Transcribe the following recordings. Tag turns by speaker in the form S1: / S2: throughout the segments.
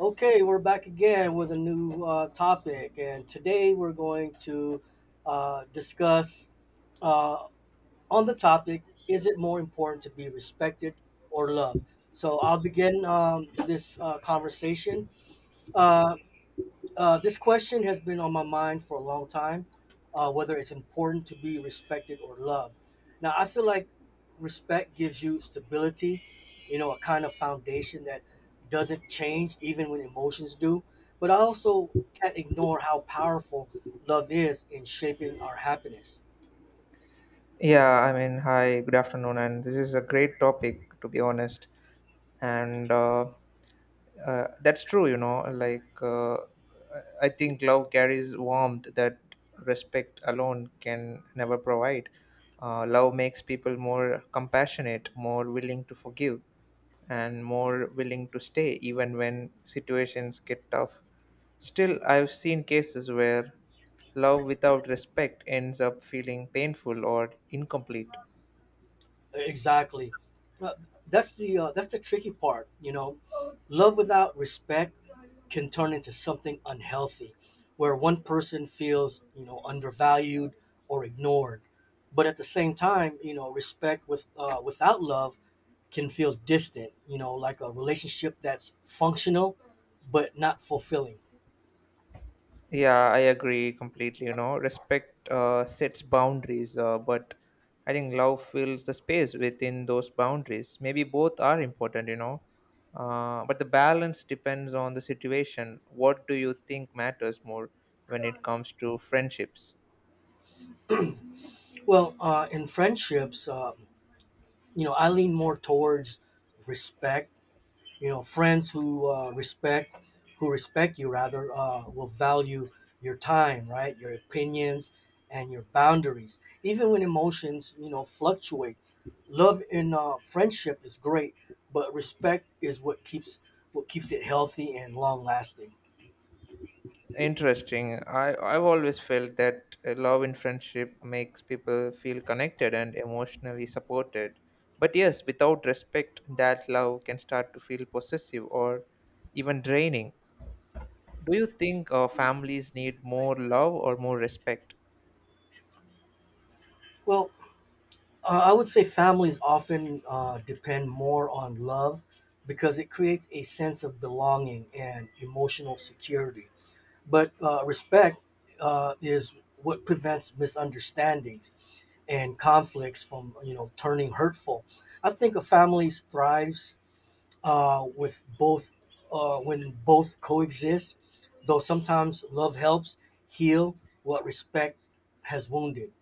S1: Okay, we're back again with a new topic, and today we're going to discuss uh, on the topic: Is it more important to be respected or loved? So I'll begin this conversation. Uh, this question has been on my mind for a long time, whether it's important to be respected or loved. Now, I feel like respect gives you stability, you know, a kind of foundation that doesn't change even when emotions do. But I also can't ignore how powerful love is in shaping our happiness.
S2: Yeah, I mean, hi, good afternoon, and this is a great topic to be honest. And That's true, you know, I think love carries warmth that respect alone can never provide. Love makes people more compassionate, more willing to forgive, and more willing to stay even when situations get tough. Still, I've seen cases where love without respect ends up feeling painful or incomplete.
S1: Exactly. Uh, that's the tricky part, you know. Love without respect can turn into something unhealthy, where one person feels, you know, undervalued or ignored, but at the same time, you know, respect without love can feel distant, you know, like a relationship that's functional but not fulfilling.
S2: Yeah, I agree completely. You know, respect sets boundaries, but I think love fills the space within those boundaries. Maybe both are important, you know, but the balance depends on the situation. What do you think matters more when it comes to friendships?
S1: Well, in friendships, you know, I lean more towards respect. You know, friends who respect you rather will value your time, right, your opinions and your boundaries even when emotions, you know, fluctuate. Love in friendship is great, but respect is what keeps it healthy and long lasting.
S2: Interesting. I've always felt that love in friendship makes people feel connected and emotionally supported. But yes, without respect, that love can start to feel possessive or even draining. Do you think families need more love or more respect?
S1: Well, I would say families often depend more on love because it creates a sense of belonging and emotional security, but respect is what prevents misunderstandings and conflicts from, you know, turning hurtful. I think a family thrives with both when both coexist, though sometimes love helps heal what respect has wounded.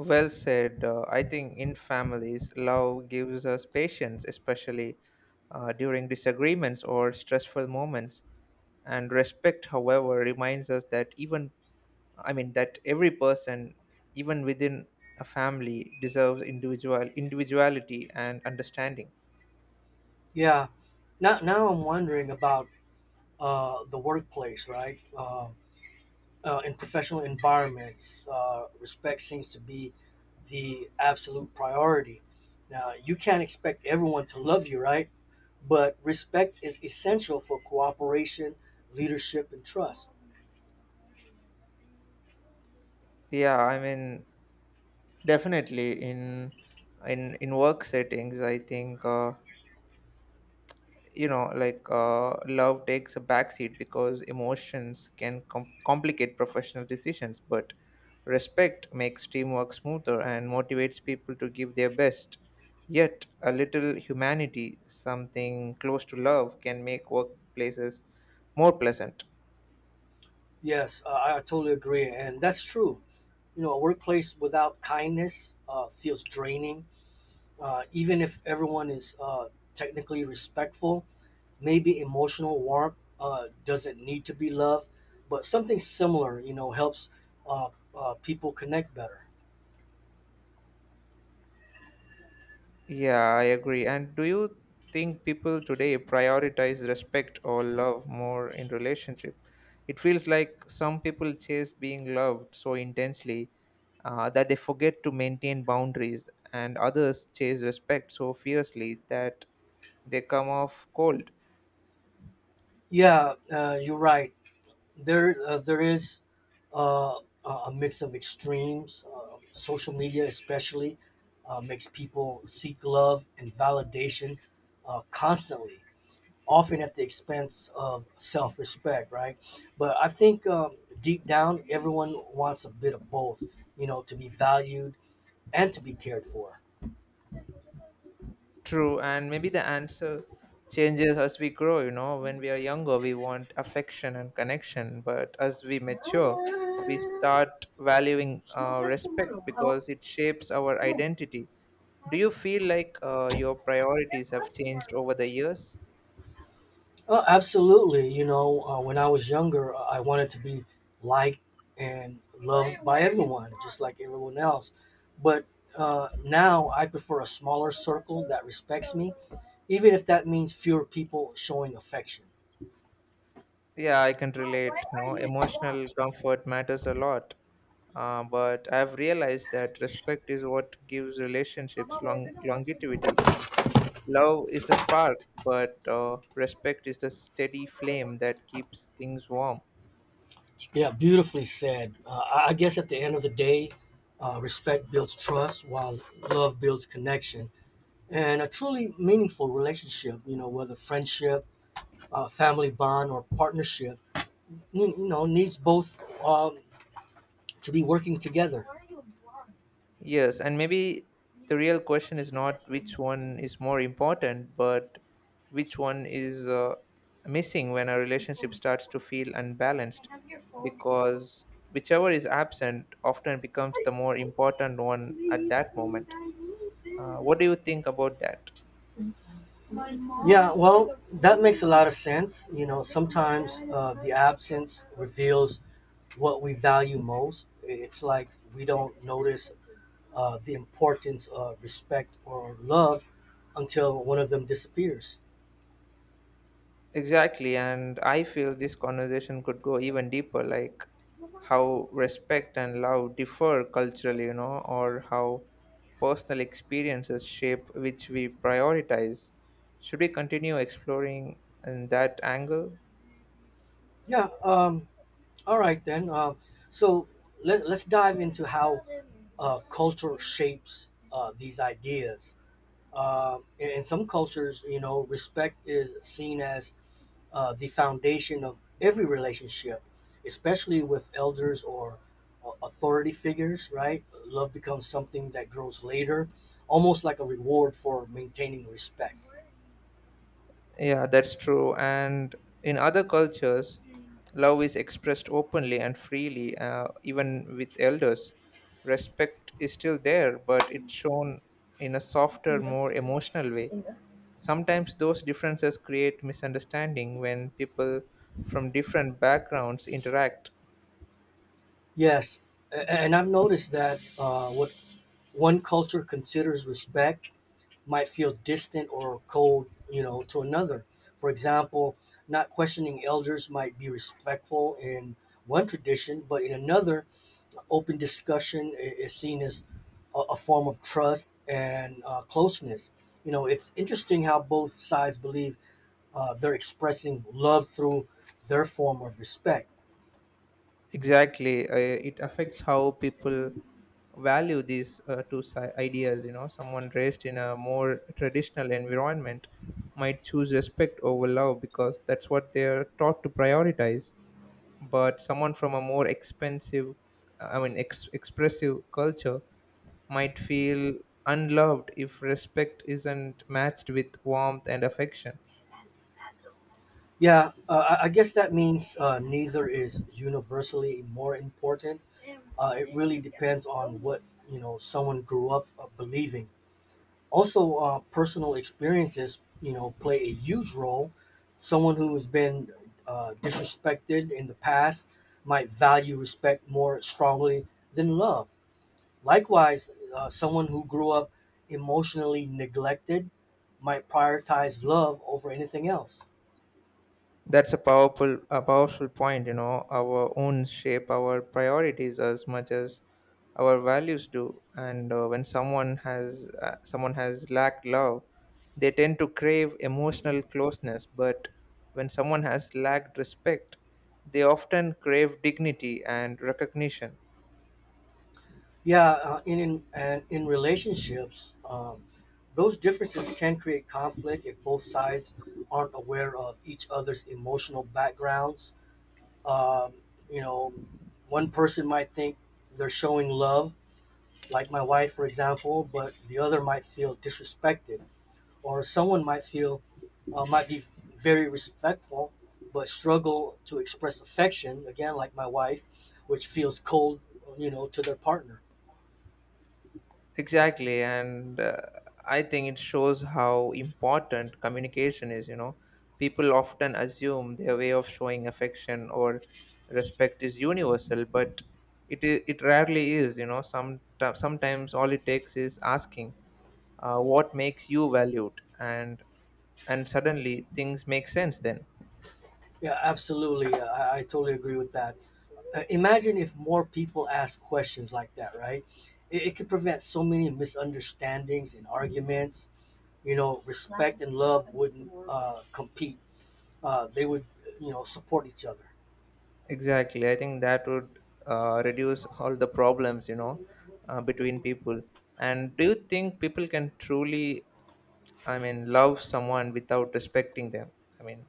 S2: Well said. I think in families, love gives us patience, especially during disagreements or stressful moments. And respect, however, reminds us that even I mean that every person, even within a family, deserves individual individuality and understanding.
S1: Yeah, now I'm wondering about the workplace, right? In professional environments, respect seems to be the absolute priority. Now, you can't expect everyone to love you, right? But respect is essential for cooperation, leadership, and trust.
S2: Yeah, I mean definitely in in work settings, I think. You know love takes a backseat because emotions can complicate professional decisions, but respect makes teamwork smoother and motivates people to give their best. Yet a little humanity, something close to love, can make workplaces more pleasant.
S1: Yes, I totally agree. And that's true. You know, a workplace without kindness feels draining. Even if everyone is technically respectful, maybe emotional warmth doesn't need to be love, but something similar, you know, helps uh, people connect better.
S2: Yeah, I agree. And do you think people today prioritize respect or love more in relationship? It feels like some people chase being loved so intensely that they forget to maintain boundaries, and others chase respect so fiercely that they come off cold.
S1: Yeah, you're right. There is uh, a mix of extremes. Social media, especially, makes people seek love and validation constantly, often at the expense of self-respect. Right, but I think deep down, everyone wants a bit of both. You know, to be valued and to be cared for.
S2: True, and maybe the answer changes as we grow. You know, when we are younger, we want affection and connection, but as we mature, we start valuing respect because it shapes our identity. Do you feel like your priorities have changed over the years?
S1: Oh, absolutely. You know, when I was younger, I wanted to be liked and loved by everyone, just like everyone else. But now I prefer a smaller circle that respects me, even if that means fewer people showing affection.
S2: Yeah, I can relate. You know, emotional comfort matters a lot, but I've realized that respect is what gives relationships long longevity. Love is the spark, but respect is the steady flame that keeps things warm.
S1: Yeah, beautifully said. I guess at the end of the day, respect builds trust while love builds connection. And a truly meaningful relationship, you know, whether friendship, family bond, or partnership, you know, needs both, um, to be working together.
S2: Yes, and maybe the real question is not which one is more important, but which one is missing when a relationship starts to feel unbalanced, because whichever is absent often becomes the more important one at that moment. What do you think about that?
S1: Yeah, well, that makes a lot of sense. You know, sometimes the absence reveals what we value most. It's like we don't notice the importance of respect or love until one of them disappears.
S2: Exactly, and I feel this conversation could go even deeper, like how respect and love differ culturally, you know, or how personal experiences shape which we prioritize. Should we continue exploring in that angle?
S1: Yeah. All right, then so let's dive into how culture shapes these ideas. In some cultures, you know, respect is seen as the foundation of every relationship, especially with elders or authority figures, right? Love becomes something that grows later, almost like a reward for maintaining respect.
S2: Yeah, that's true. And in other cultures, love is expressed openly and freely, even with elders. Respect is still there, but it's shown in a softer, more emotional way. Sometimes those differences create misunderstanding when people from different backgrounds interact.
S1: Yes, and I've noticed that what one culture considers respect might feel distant or cold, you know, to another. For example, not questioning elders might be respectful in one tradition, but in another, open discussion is seen as a form of trust and closeness. You know, it's interesting how both sides believe they're expressing love through their form of respect.
S2: Exactly, it affects how people value these ideas. You know, someone raised in a more traditional environment might choose respect over love because that's what they're taught to prioritize. But someone from a more expensive, I mean, expressive culture might feel unloved if respect isn't matched with warmth and affection.
S1: Yeah, I guess that means neither is universally more important. Uh, it really depends on what, you know, someone grew up believing. Also, personal experiences, you know, play a huge role. Someone who has been disrespected in the past might value respect more strongly than love. Likewise, someone who grew up emotionally neglected might prioritize love over anything else.
S2: That's a powerful point. You know, our own shape our priorities as much as our values do, and when someone has lacked love, they tend to crave emotional closeness, but when someone has lacked respect, they often crave dignity and recognition.
S1: Yeah, in relationships, those differences can create conflict if both sides aren't aware of each other's emotional backgrounds. Um, you know, one person might think they're showing love, like my wife, for example, but the other might feel disrespected, or someone might feel might be very respectful, but struggle to express affection, again, like my wife, which feels cold, you know, to their partner.
S2: Exactly, and I think it shows how important communication is. You know, people often assume their way of showing affection or respect is universal, but it rarely is. You know, sometimes all it takes is asking, "What makes you valued?" and suddenly things make sense. Then
S1: Yeah, absolutely. Yeah, I totally agree with that. Imagine if more people ask questions like that, right? It could prevent so many misunderstandings and arguments. You know, respect and love wouldn't compete. They would, you know, support each other.
S2: exactly, I think that would reduce all the problems. You know, between people. And do you think people can truly, I mean, love someone without respecting them? I mean,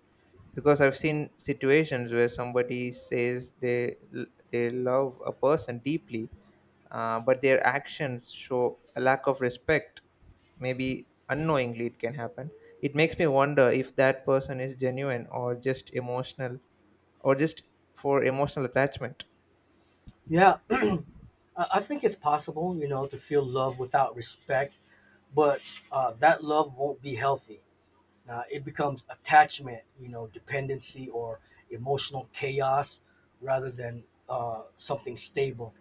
S2: because I've seen situations where somebody says they love a person deeply, but their actions show a lack of respect. Maybe unknowingly, it can happen. It makes me wonder if that person is genuine or just emotional, or just for emotional attachment.
S1: Yeah, I think it's possible, you know, to feel love without respect, but that love won't be healthy. It becomes attachment, you know, dependency or emotional chaos rather than something stable.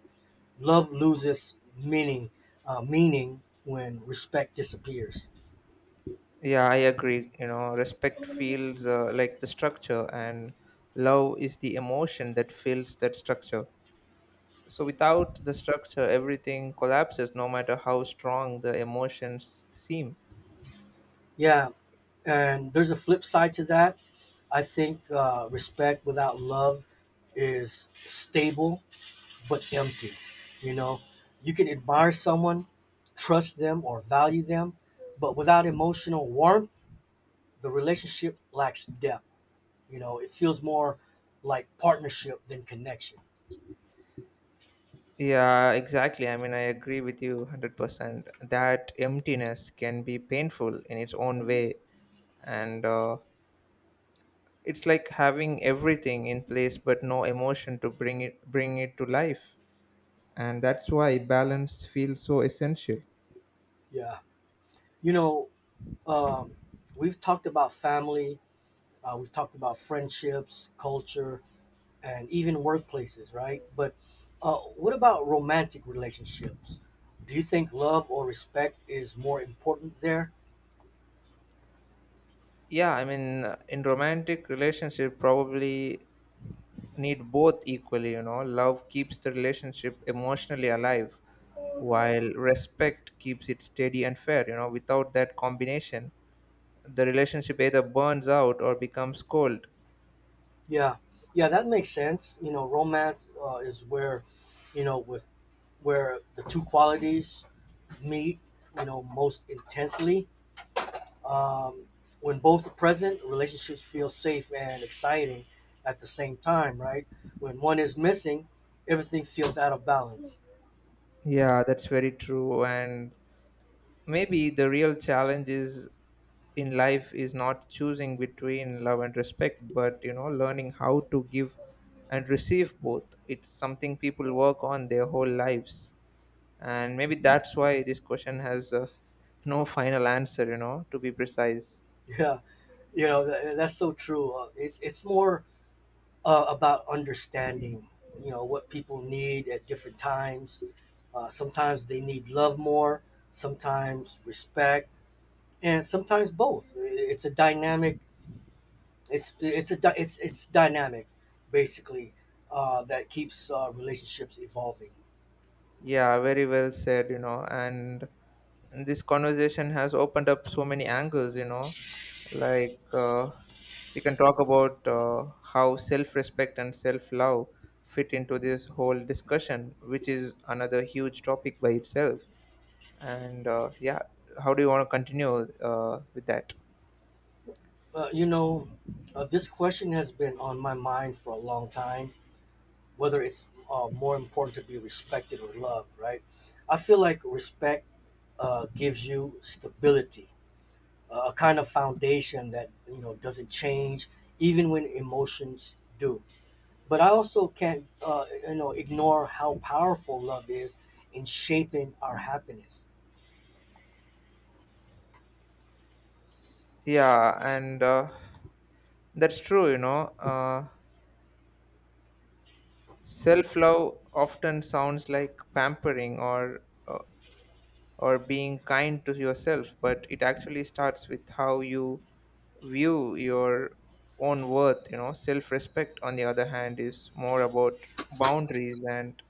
S1: Love loses meaning meaning when respect disappears.
S2: Yeah, I agree. You know, respect feels like the structure, and love is the emotion that fills that structure. So without the structure, everything collapses, no matter how strong the emotions seem.
S1: Yeah, and there's a flip side to that. I think respect without love is stable but empty. You know, you can admire someone, trust them, or value them, but without emotional warmth, the relationship lacks depth. You know, it feels more like partnership than connection.
S2: Yeah, exactly. I mean, I agree with you 100% that emptiness can be painful in its own way. And it's like having everything in place but no emotion to bring it to life. And that's why balance feels so essential.
S1: Yeah. You know, um, we've talked about family, we've talked about friendships, culture, and even workplaces, right? But what about romantic relationships? Do you think love or respect is more important there?
S2: Yeah, I mean in romantic relationship, probably need both equally. You know, love keeps the relationship emotionally alive, while respect keeps it steady and fair. You know, without that combination, the relationship either burns out or becomes cold.
S1: Yeah, yeah, that makes sense. You know, romance is where, you know, with where the two qualities meet, you know, most intensely. Um, when both are present, relationships feel safe and exciting at the same time, right? When one is missing, everything feels out of balance.
S2: Yeah, that's very true, and maybe the real challenge is in life is not choosing between love and respect, but you know, learning how to give and receive both. It's something people work on their whole lives, and maybe that's why this question has no final answer, you know, to be precise.
S1: Yeah, you know, that's so true. It's more about understanding, you know, what people need at different times. Sometimes they need love more, sometimes respect, and sometimes both. It's a dynamic. It's it's a dy- it's it's dynamic, basically, that keeps relationships evolving.
S2: Yeah, very well said. You know, and this conversation has opened up so many angles. You know, like uh, we can talk about how self-respect and self-love fit into this whole discussion, which is another huge topic by itself. And yeah, how do you want to continue with that?
S1: You know, this question has been on my mind for a long time, whether it's more important to be respected or loved, right? I feel like respect gives you stability, a kind of foundation that, you know, doesn't change even when emotions do. But I also can't, you know, ignore how powerful love is in shaping our happiness.
S2: Yeah, and that's true. You know, self love often sounds like pampering uh, or being kind to yourself, but it actually starts with how you view your own worth. You know, self respect, on the other hand, is more about boundaries and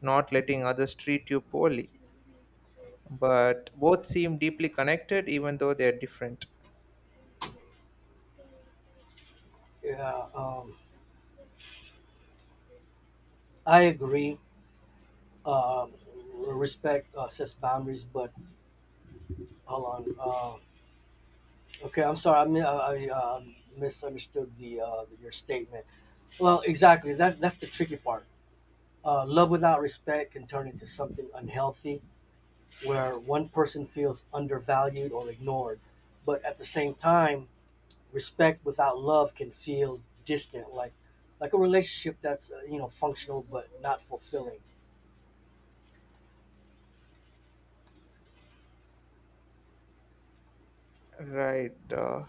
S2: not letting others treat you poorly. But both seem deeply connected, even though they're different.
S1: Yeah, I agree. Uh, respect sets boundaries, but hold on. Okay, I'm sorry. I mean, I misunderstood the your statement. Well, exactly. That's the tricky part. Love without respect can turn into something unhealthy, where one person feels undervalued or ignored. But at the same time, respect without love can feel distant, like a relationship that's, you know, functional but not fulfilling.
S2: Right.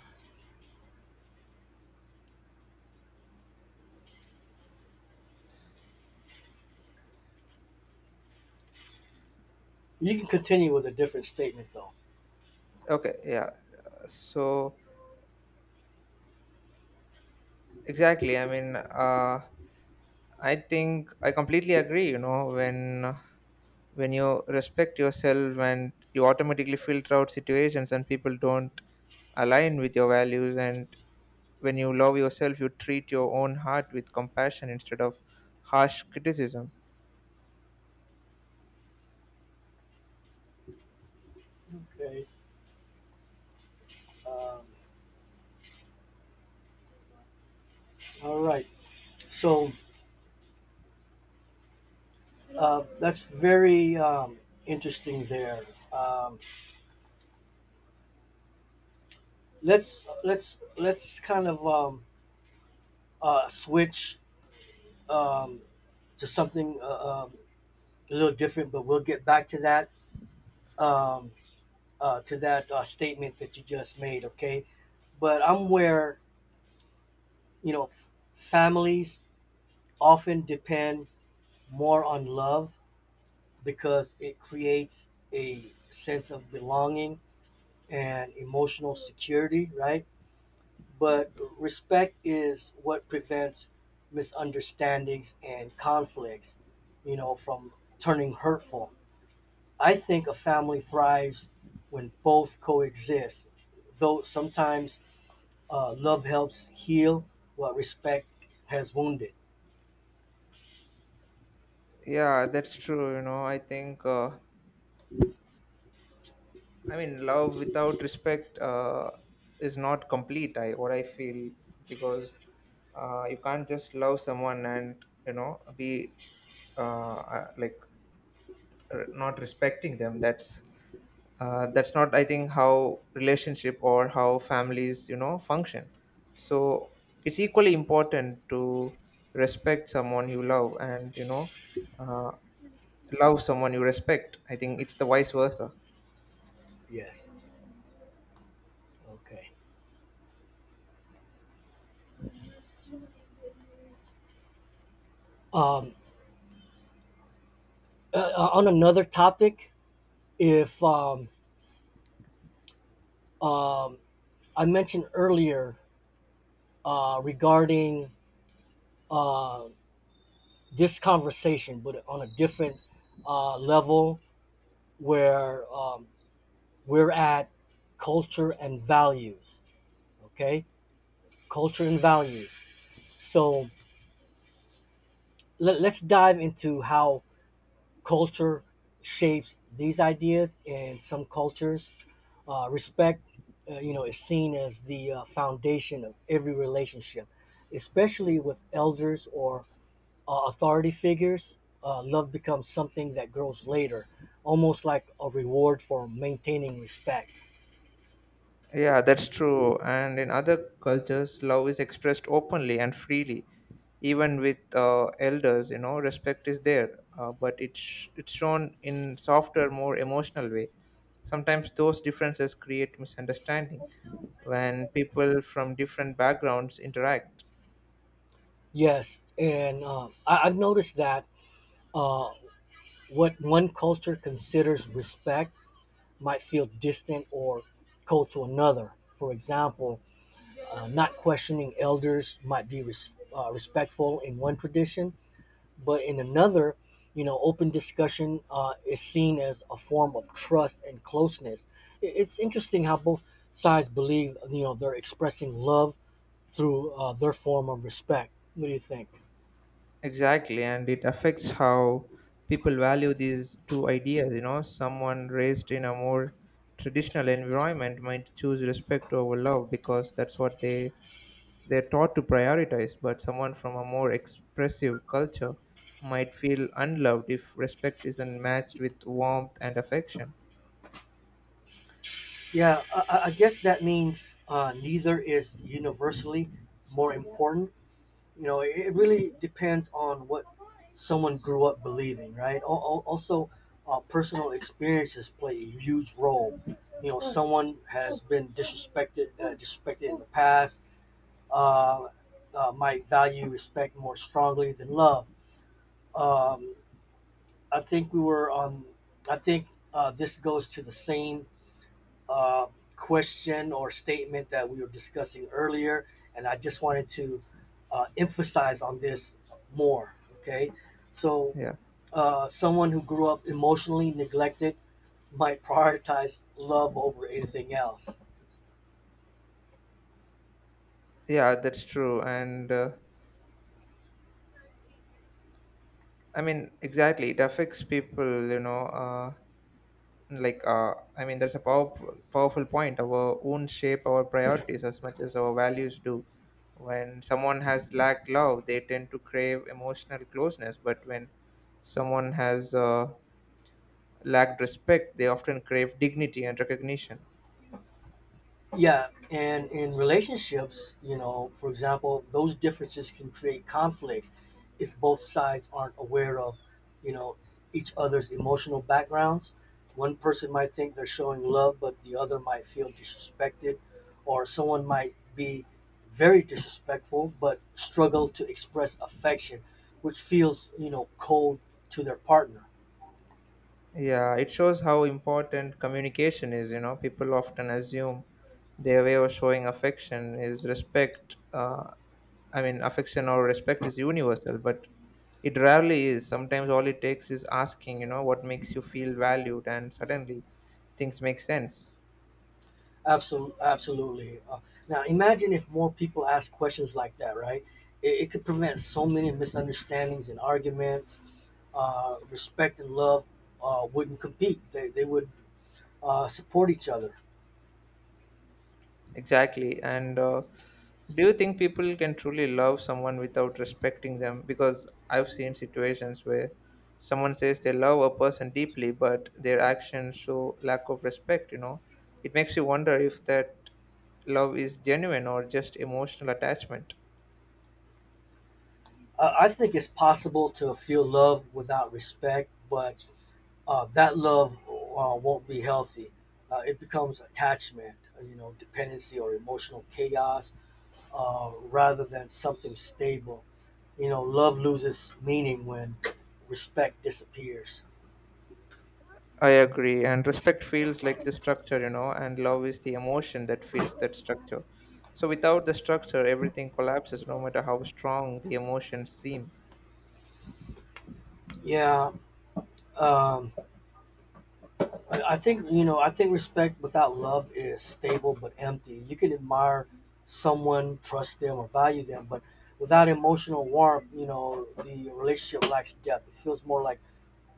S1: You can continue with a different statement, though.
S2: Okay. Yeah. So exactly. I think I completely agree. You know, when you respect yourself and you automatically filter out situations and people don't align with your values, and when you love yourself you treat your own heart with compassion instead of harsh criticism.
S1: Okay. Um, all right. So that's very interesting there. Um, let's kind of, switch, um, to something, a little different, but we'll get back to that, um, to that statement that you just made. Okay, but I'm where, you know, families often depend more on love because it creates a sense of belonging and emotional security, right? But respect is what prevents misunderstandings and conflicts, you know, from turning hurtful. I think a family thrives when both coexist, though sometimes love helps heal what respect has wounded.
S2: Yeah, that's true. You know, I think I mean love without respect is not complete, I what I feel, because you can't just love someone and you know be uh, uh, like not respecting them. That's not, I think, how relationship or how families, you know, function. So it's equally important to respect someone you love, and you know, uh, love someone you respect. I think it's the vice versa.
S1: Yes. Okay. Um, on another topic, if um, I mentioned earlier regarding uh, this conversation, but on a different level where, we're at culture and values. Okay, culture and values. So let's dive into how culture shapes these ideas. In some cultures, respect, you know, is seen as the foundation of every relationship, especially with elders or authority figures. Uh, love becomes something that grows later, almost like a reward for maintaining respect.
S2: Yeah, that's true, and in other cultures love is expressed openly and freely, even with elders. You know, respect is there, but it's shown in softer, more emotional way. Sometimes those differences create misunderstanding when people from different backgrounds interact.
S1: Yes, and I've noticed that uh, what one culture considers respect might feel distant or cold to another. For example, not questioning elders might be respectful in one tradition, but in another, you know, open discussion is seen as a form of trust and closeness. It's interesting how both sides believe, you know, they're expressing love through their form of respect. What do you think?
S2: Exactly, and it affects how people value these two ideas. You know, someone raised in a more traditional environment might choose respect over love because that's what they're taught to prioritize. But someone from a more expressive culture might feel unloved if respect isn't matched with warmth and affection.
S1: Yeah, I guess that means neither is universally more important. You know, it really depends on what someone grew up believing, right? Also, personal experiences play a huge role. You know, someone has been disrespected, disrespected in the past. Uh, might value respect more strongly than love. Um, I think we were on. I think this goes to the same uh, question or statement that we were discussing earlier, and I just wanted to emphasize on this more. Okay, so
S2: Yeah,
S1: someone who grew up emotionally neglected might prioritize love over anything else.
S2: yeah, that's true, and I mean, exactly, it affects people. You know. I mean there's a powerful point. Our own shape our priorities as much as our values do. When someone has lacked love they tend to crave emotional closeness, but when someone has lacked respect they often crave dignity and recognition.
S1: Yeah, and in relationships, you know, for example, those differences can create conflicts if both sides aren't aware of, you know, each other's emotional backgrounds. One person might think they're showing love, but the other might feel disrespected, or someone might be very disrespectful but struggle to express affection, which feels, you know, cold to their partner.
S2: Yeah, it shows how important communication is. You know, people often assume their way of showing affection is respect. I mean, affection or respect is universal, but it rarely is. Sometimes all it takes is asking, you know, what makes you feel valued, and suddenly things make sense.
S1: Absolutely, absolutely. Now, imagine if more people ask questions like that, right? It could prevent so many misunderstandings and arguments. Respect and love wouldn't compete; they would support each other.
S2: Exactly. And do you think people can truly love someone without respecting them? Because I've seen situations where someone says they love a person deeply, but their actions show lack of respect, you know. It makes you wonder if that love is genuine or just emotional attachment.
S1: I think it's possible to feel love without respect, but that love won't be healthy. It becomes attachment, you know, dependency or emotional chaos, rather than something stable. You know, love loses meaning when respect disappears.
S2: I agree. And respect feels like the structure, you know, and love is the emotion that fits that structure. So without the structure, everything collapses, no matter how strong the emotions seem.
S1: Yeah, um, I think, you know, I think respect without love is stable but empty. You can admire someone, trust them, or value them, but without emotional warmth, you know, the relationship lacks depth. It feels more like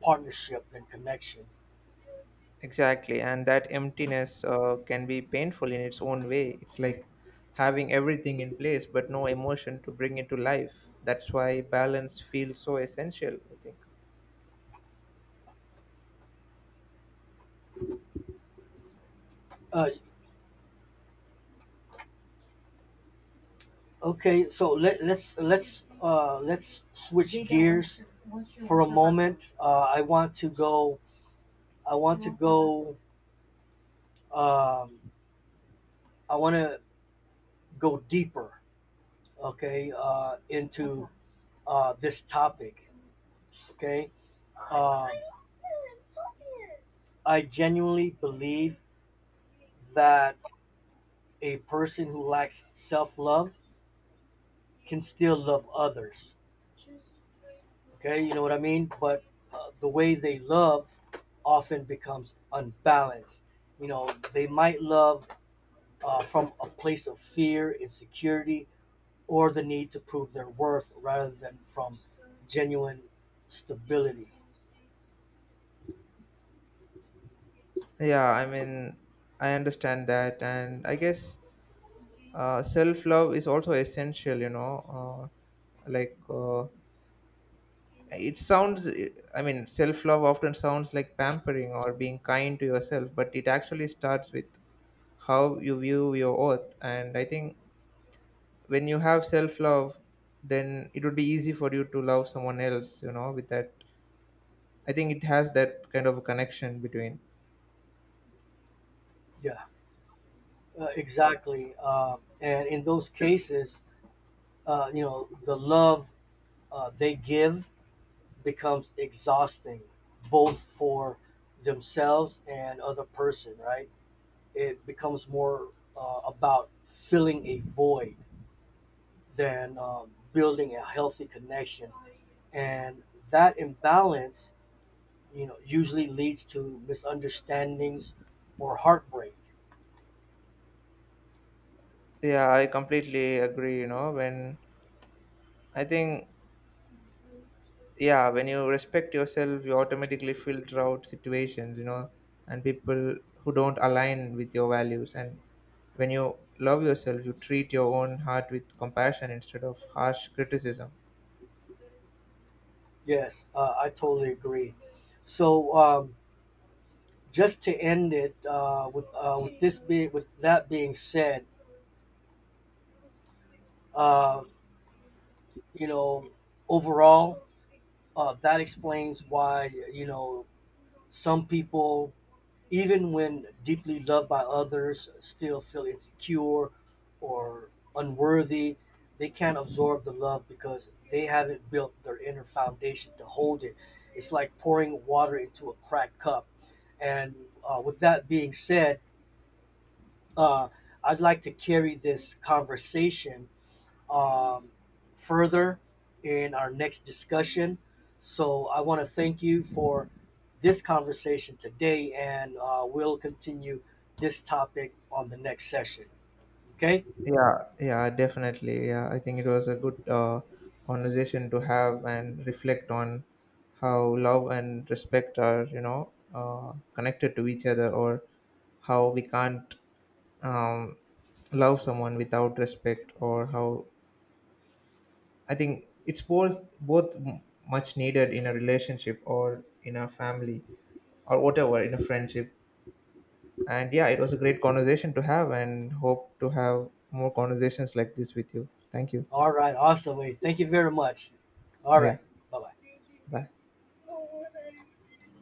S1: partnership than connection.
S2: Exactly, and that emptiness can be painful in its own way. It's like having everything in place but no emotion to bring it to life. That's why balance feels so essential, I think.
S1: Uh, okay, so let's switch gears for a moment. I want to go. I want to go. Um, I want to go deeper, okay, into this topic, okay? Uh, I genuinely believe that a person who lacks self love can still love others, okay? You know what I mean? But the way they love often becomes unbalanced. You know, they might love from a place of fear, insecurity, or the need to prove their worth rather than from genuine stability.
S2: Yeah, I mean, I understand that, and I guess self love is also essential, you know. It sounds, I mean, self love often sounds like pampering or being kind to yourself, but it actually starts with how you view your worth. And I think when you have self love then it would be easy for you to love someone else, you know. With that, I think it has that kind of a connection between.
S1: Yeah, exactly. And in those cases, you know, the love they give becomes exhausting, both for themselves and other person. Right? It becomes more about filling a void than building a healthy connection, and that imbalance, you know, usually leads to misunderstandings or heartbreak.
S2: Yeah, I completely agree. You know, when I think yeah, when you respect yourself you automatically filter out situations, you know, and people who don't align with your values, and when you love yourself you treat your own heart with compassion instead of harsh criticism.
S1: Yes, I totally agree. So, just to end it with that being said, uh, you know, overall, that explains why, you know, some people, even when deeply loved by others, still feel insecure or unworthy. They can't absorb the love because they haven't built their inner foundation to hold it. It's like pouring water into a cracked cup. And with that being said, uh, I'd like to carry this conversation, um, further in our next discussion. So I want to thank you for this conversation today, and we'll continue this topic on the next session. Okay?
S2: Yeah, yeah, definitely. Yeah, I think it was a good conversation to have and reflect on how love and respect are, you know, connected to each other, or how we can't um, love someone without respect, or how I think it's both much needed in a relationship or in a family or whatever in a friendship. And yeah, it was a great conversation to have, and hope to have more conversations like this with you. Thank you.
S1: All right. Awesome. Thank you very much. All
S2: Yeah.
S1: right. Bye bye.
S2: Bye.